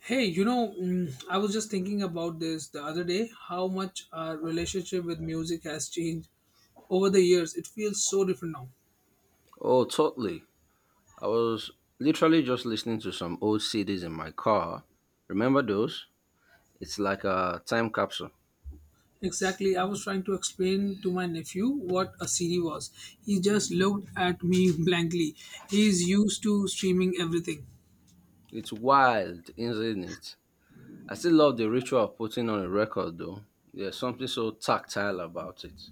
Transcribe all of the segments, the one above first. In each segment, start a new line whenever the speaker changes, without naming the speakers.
Hey, I was just thinking about this the other day, how much our relationship with music has changed over the years. It feels so different now.
Oh, totally. I was literally just listening to some old CDs in my car. Remember those? It's like a time capsule.
Exactly. I was trying to explain to my nephew what a CD was. He just looked at me blankly. He's used to streaming everything.
It's wild, isn't it? I still love the ritual of putting on a record, though. There's something so tactile about it.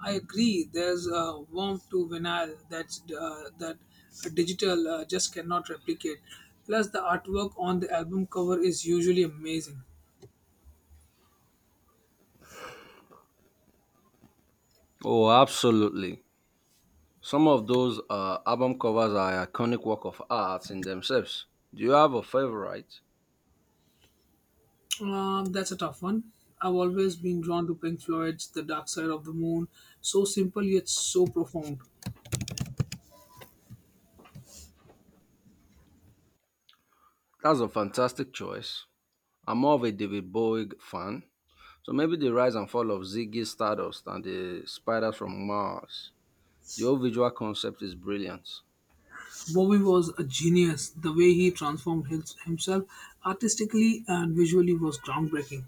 I agree. There's a warmth to vinyl that a digital just cannot replicate. Plus, the artwork on the album cover is usually amazing.
Oh, absolutely. Some of those album covers are iconic work of art in themselves. Do you have a favorite?
That's a tough one. I've always been drawn to Pink Floyd's The Dark Side of the Moon. So simple yet so profound.
That's a fantastic choice. I'm more of a David Bowie fan. So maybe the rise and fall of Ziggy Stardust and the spiders from Mars. The whole visual concept is brilliant.
Bowie was a genius. The way he transformed himself artistically and visually was groundbreaking.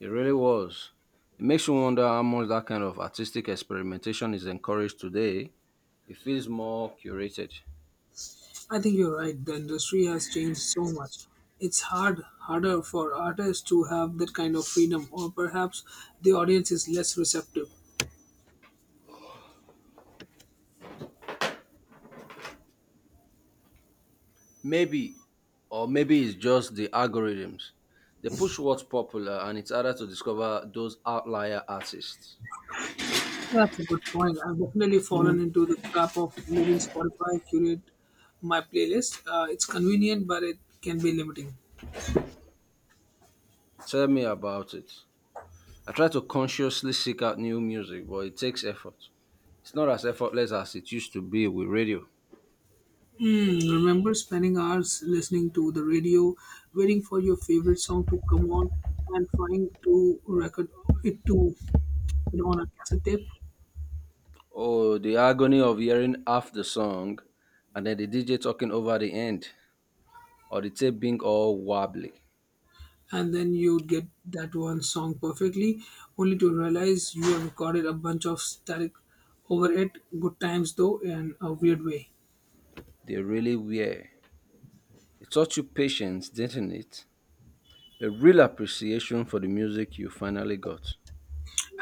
It really was. It makes you wonder how much that kind of artistic experimentation is encouraged today. It feels more curated.
I think you're right. The industry has changed so much. It's harder for artists to have that kind of freedom, or perhaps the audience is less receptive.
Maybe, or maybe it's just the algorithms. They push what's popular and it's harder to discover those outlier artists.
That's a good point. I've definitely fallen into the trap of letting Spotify curate my playlist. It's convenient, but it can be limiting.
Tell me about it. I try to consciously seek out new music, but it takes effort. It's not as effortless as it used to be with radio.
Remember spending hours listening to the radio, waiting for your favorite song to come on, and trying to record it to it on a cassette tape,
Oh, the agony of hearing half the song and then the DJ talking over the end, or the tape being all wobbly.
and then you'd get that one song perfectly, only to realize you have recorded a bunch of static over it. Good times though, in a weird way.
They really were. It taught you patience, didn't it? A real appreciation for the music you finally got.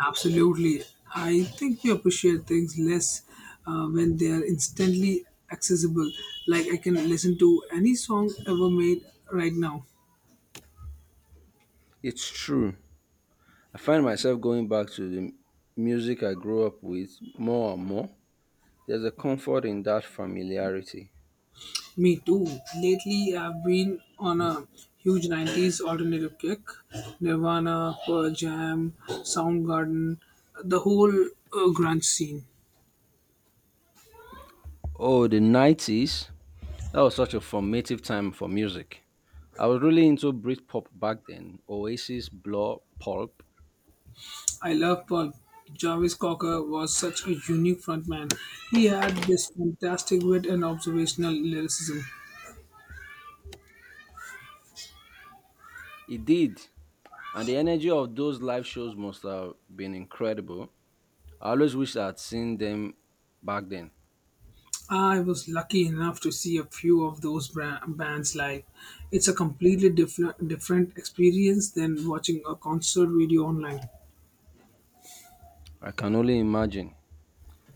Absolutely. I think we appreciate things less when they are instantly accessible. Like I can listen to any song ever made right now.
It's true. I find myself going back to the music I grew up with more and more. There's a comfort in that familiarity.
Me too. Lately, I've been on a huge 90s alternative kick. Nirvana, Pearl Jam, Soundgarden, the whole grunge scene.
Oh, the 90s. That was such a formative time for music. I was really into Britpop back then, Oasis, Blur, Pulp.
I love Paul. Jarvis Cocker was such a unique frontman. He had this fantastic wit and observational lyricism.
It did. And the energy of those live shows must have been incredible. I always wish I had seen them back then.
I was lucky enough to see a few of those bands live. It's a completely different experience than watching a concert video online.
I can only imagine.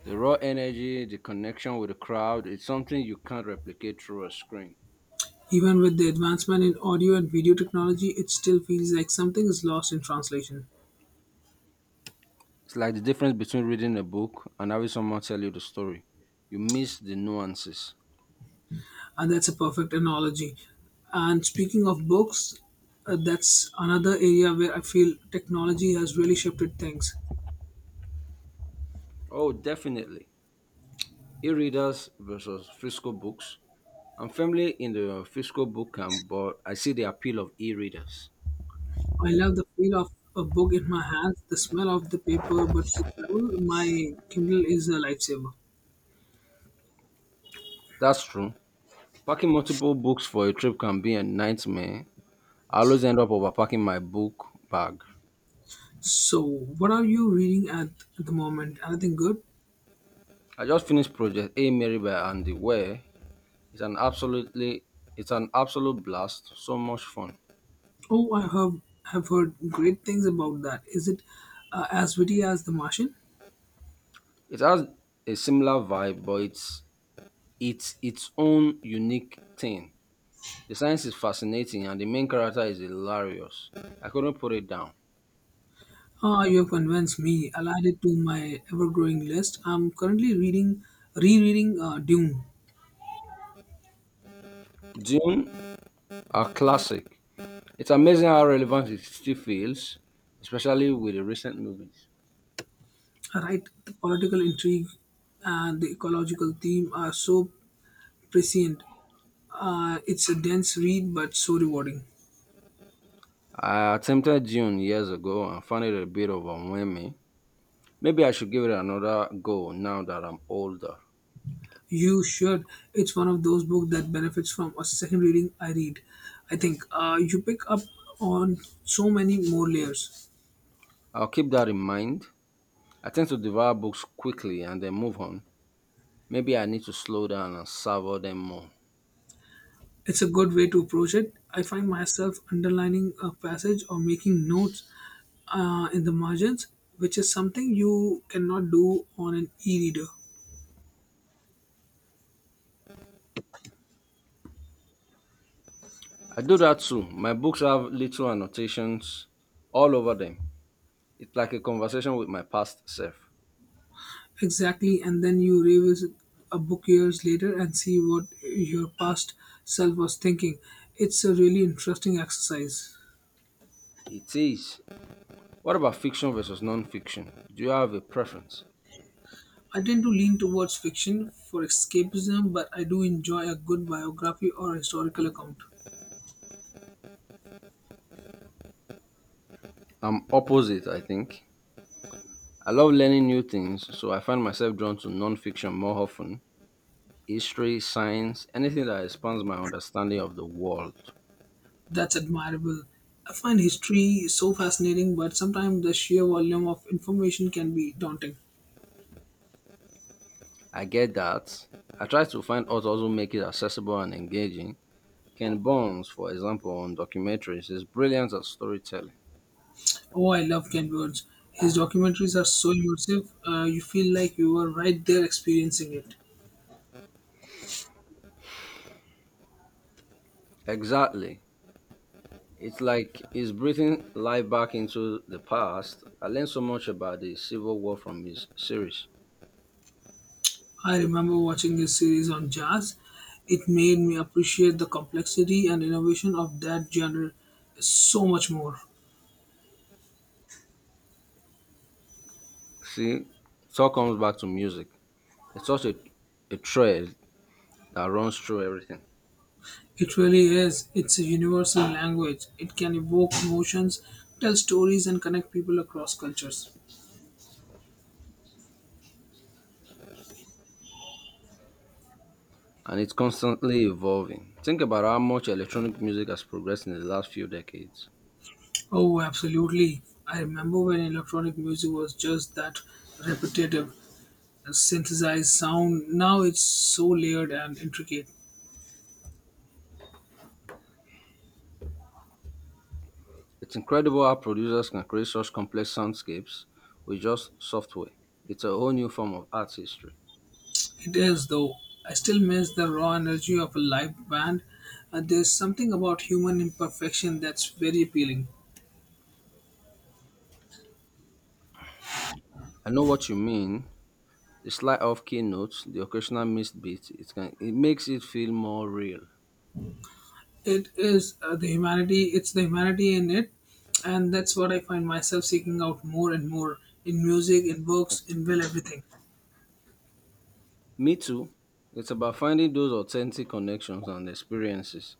The raw energy, the connection with the crowd, it's something you can't replicate through a screen.
Even with the advancement in audio and video technology, it still feels like something is lost in translation.
It's like the difference between reading a book and having someone tell you the story. You miss the nuances.
And that's a perfect analogy. And speaking of books, that's another area where I feel technology has really shifted things.
Oh, definitely. E-readers versus physical books. I'm firmly in the physical book camp, but I see the appeal of e-readers.
I love the feel of a book in my hands, the smell of the paper, but for travel, my Kindle is a lifesaver.
That's true. Packing multiple books for a trip can be a nightmare. I always end up overpacking my book bag.
So, what are you reading at the moment? Anything good?
I just finished Project A Mary by Andy Ware. It's an absolutely it's an absolute blast. So much fun.
Oh, I have heard great things about that. Is it as witty as The Martian?
It has a similar vibe, but it's its own unique thing. The science is fascinating and the main character is hilarious. I couldn't put it down.
Ah, you have convinced me. I'll add it to my ever-growing list. I'm currently rereading Dune.
Dune, a classic. It's amazing how relevant it still feels, especially with the recent movies.
Right, the political intrigue and the ecological theme are so prescient. It's a dense read, but so rewarding.
I attempted Dune years ago and found it a bit overwhelming. Maybe I should give it another go now that I'm older.
You should. It's one of those books that benefits from a second reading. I read. I think you pick up on so many more layers.
I'll keep that in mind. I tend to devour books quickly and then move on. Maybe I need to slow down and savor them more.
It's a good way to approach it. I find myself underlining a passage or making notes in the margins, which is something you cannot do on an e-reader.
I do that too. My books have little annotations all over them. It's like a conversation with my past self.
Exactly, and then you revisit a book years later and see what your past self was thinking. It's a really interesting exercise.
It is. What about fiction versus non-fiction? Do you have a preference?
I tend to lean towards fiction for escapism, but I do enjoy a good biography or historical account.
I'm opposite, I think. I love learning new things, so I find myself drawn to non-fiction more often. History, science, anything that expands my understanding of the world.
That's admirable. I find history so fascinating, but sometimes the sheer volume of information can be daunting.
I get that. I try to find authors who make it accessible and engaging. Ken Burns, for example, on documentaries is brilliant at storytelling.
Oh, I love Ken Burns. His documentaries are so immersive, you feel like you were right there experiencing it.
Exactly. It's like he's breathing life back into the past. I learned so much about the Civil War from his series.
I remember watching his series on jazz. It made me appreciate the complexity and innovation of that genre so much more.
See, it all comes back to music. It's such a thread that runs through everything,
It really is. It's a universal language. It can evoke emotions, tell stories, and connect people across cultures.
and it's constantly evolving. Think about how much electronic music has progressed in the last few decades.
Oh, absolutely. I remember when electronic music was just that repetitive, synthesized sound. Now it's so layered and intricate.
It's incredible how producers can create such complex soundscapes with just software. It's a whole new form of art history.
It is, though. I still miss the raw energy of a live band. There's something about human imperfection that's very appealing.
I know what you mean. The slide of keynotes, the occasional missed beat, it makes it feel more real.
It is the humanity in it, and that's what I find myself seeking out more and more, in music, in books, in, well, everything.
Me too. It's about finding those authentic connections and experiences.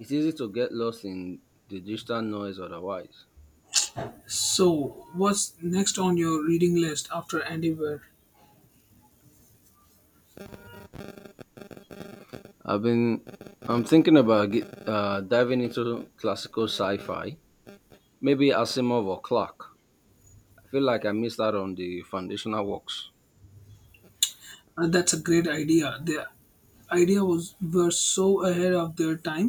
It's easy to get lost in the digital noise otherwise.
So what's next on your reading list after Andy Weir?
I've been I'm thinking about diving into classical sci-fi, maybe Asimov or Clark. I feel like I missed out on the foundational works.
That's a great idea. The idea was, were so ahead of their time.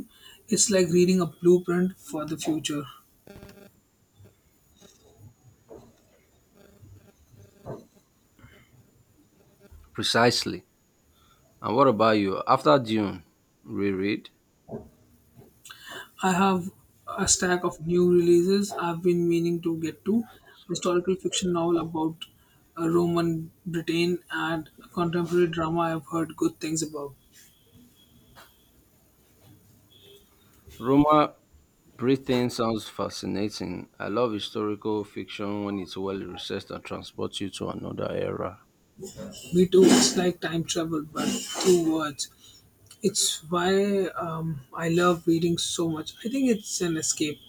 It's like reading a blueprint for the future.
Precisely. And what about you? After Dune, reread?
I have a stack of new releases I've been meaning to get to, a historical fiction novel about Roman Britain and a contemporary drama I've heard good things about.
Roma Britain sounds fascinating. I love historical fiction when it's well researched and transports you to another era,
Me too, it's like time travel, but through words. It's why I love reading so much. I think it's an escape.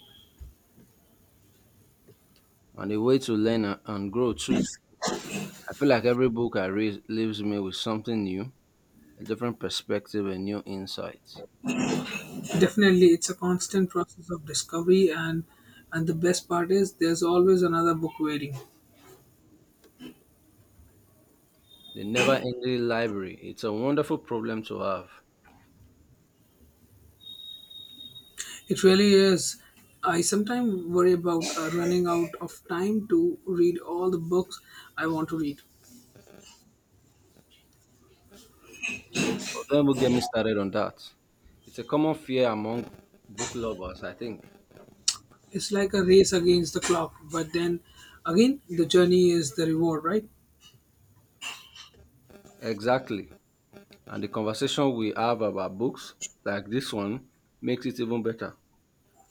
and a way to learn and grow too. I feel like every book I read leaves me with something new, a different perspective, and new insights.
Definitely, it's a constant process of discovery, and the best part is there's always another book waiting.
The never ending library, it's a wonderful problem to have.
It really is. I sometimes worry about running out of time to read all the books I want to read.
But don't even get me started on that. It's a common fear among book lovers, I think.
It's like a race against the clock, but then again, the journey is the reward, right?
Exactly. And the conversation we have about books like this one makes it even better.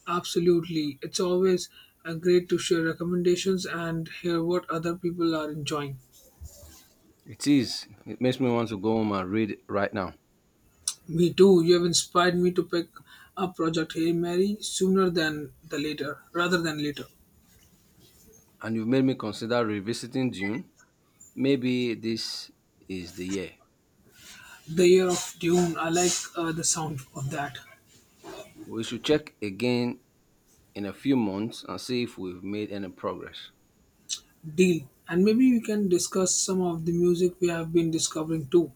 Absolutely. It's always great to share recommendations and hear what other people are enjoying.
It is. It makes me want to go home and read right now.
Me too. You have inspired me to pick up Project Hail Mary sooner than the later, rather than later.
And you've made me consider revisiting Dune. Maybe this is the year.
The Year of Dune. I like the sound of that.
We should check again in a few months and see if we've made any progress.
Deal. And maybe we can discuss some of the music we have been discovering too.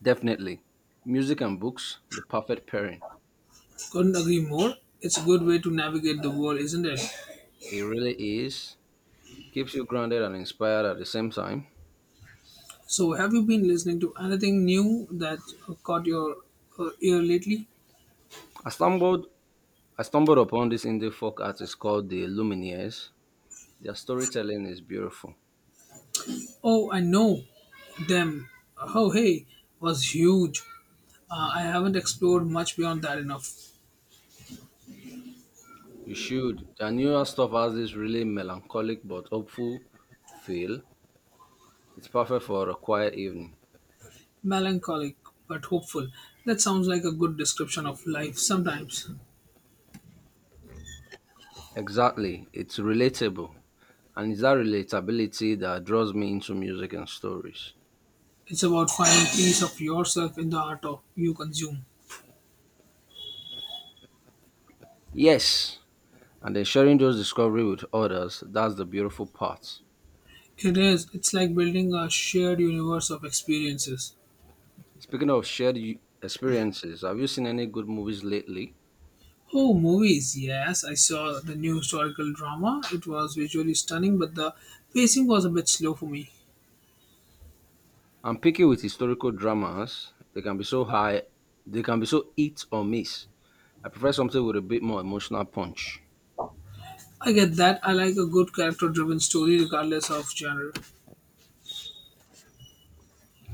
Definitely. Music and books, the perfect pairing.
Couldn't agree more. It's a good way to navigate the world, isn't it?
It really is. Keeps you grounded and inspired at the same time.
So, have you been listening to anything new that caught your ear lately?
I stumbled I stumbled upon this indie folk artist called the Lumineers. Their storytelling is beautiful.
Oh, I know. Them. Oh, hey, was huge. I haven't explored much beyond that enough.
You should. Their newer stuff has this really melancholic but hopeful feel. It's perfect for a quiet evening.
Melancholic, but hopeful. That sounds like a good description of life sometimes.
Exactly. It's relatable. And it's that relatability that draws me into music and stories.
It's about finding peace of yourself in the art of you consume.
Yes. And then sharing those discovery with others, that's the beautiful part.
It is. It's like building a shared universe of experiences.
Speaking of experiences, have you seen any good movies lately?
Oh, movies. Yes, I saw the new historical drama. It was visually stunning, but the pacing was a bit slow for me.
I'm picky with historical dramas. They can be so hit or miss. I prefer something with a bit more emotional punch.
I get that. I like a good character driven story regardless of genre.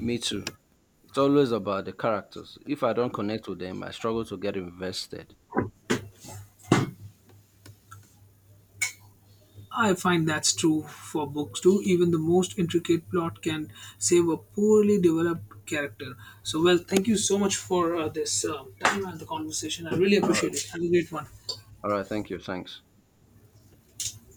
Me too. It's always about the characters. If I don't connect with them, I struggle to get invested.
I find that's true for books too. Even the most intricate plot can save a poorly developed character. So, well, thank you so much for this time and the conversation. I really appreciate it. Have a great one.
All right, thank you. Thanks.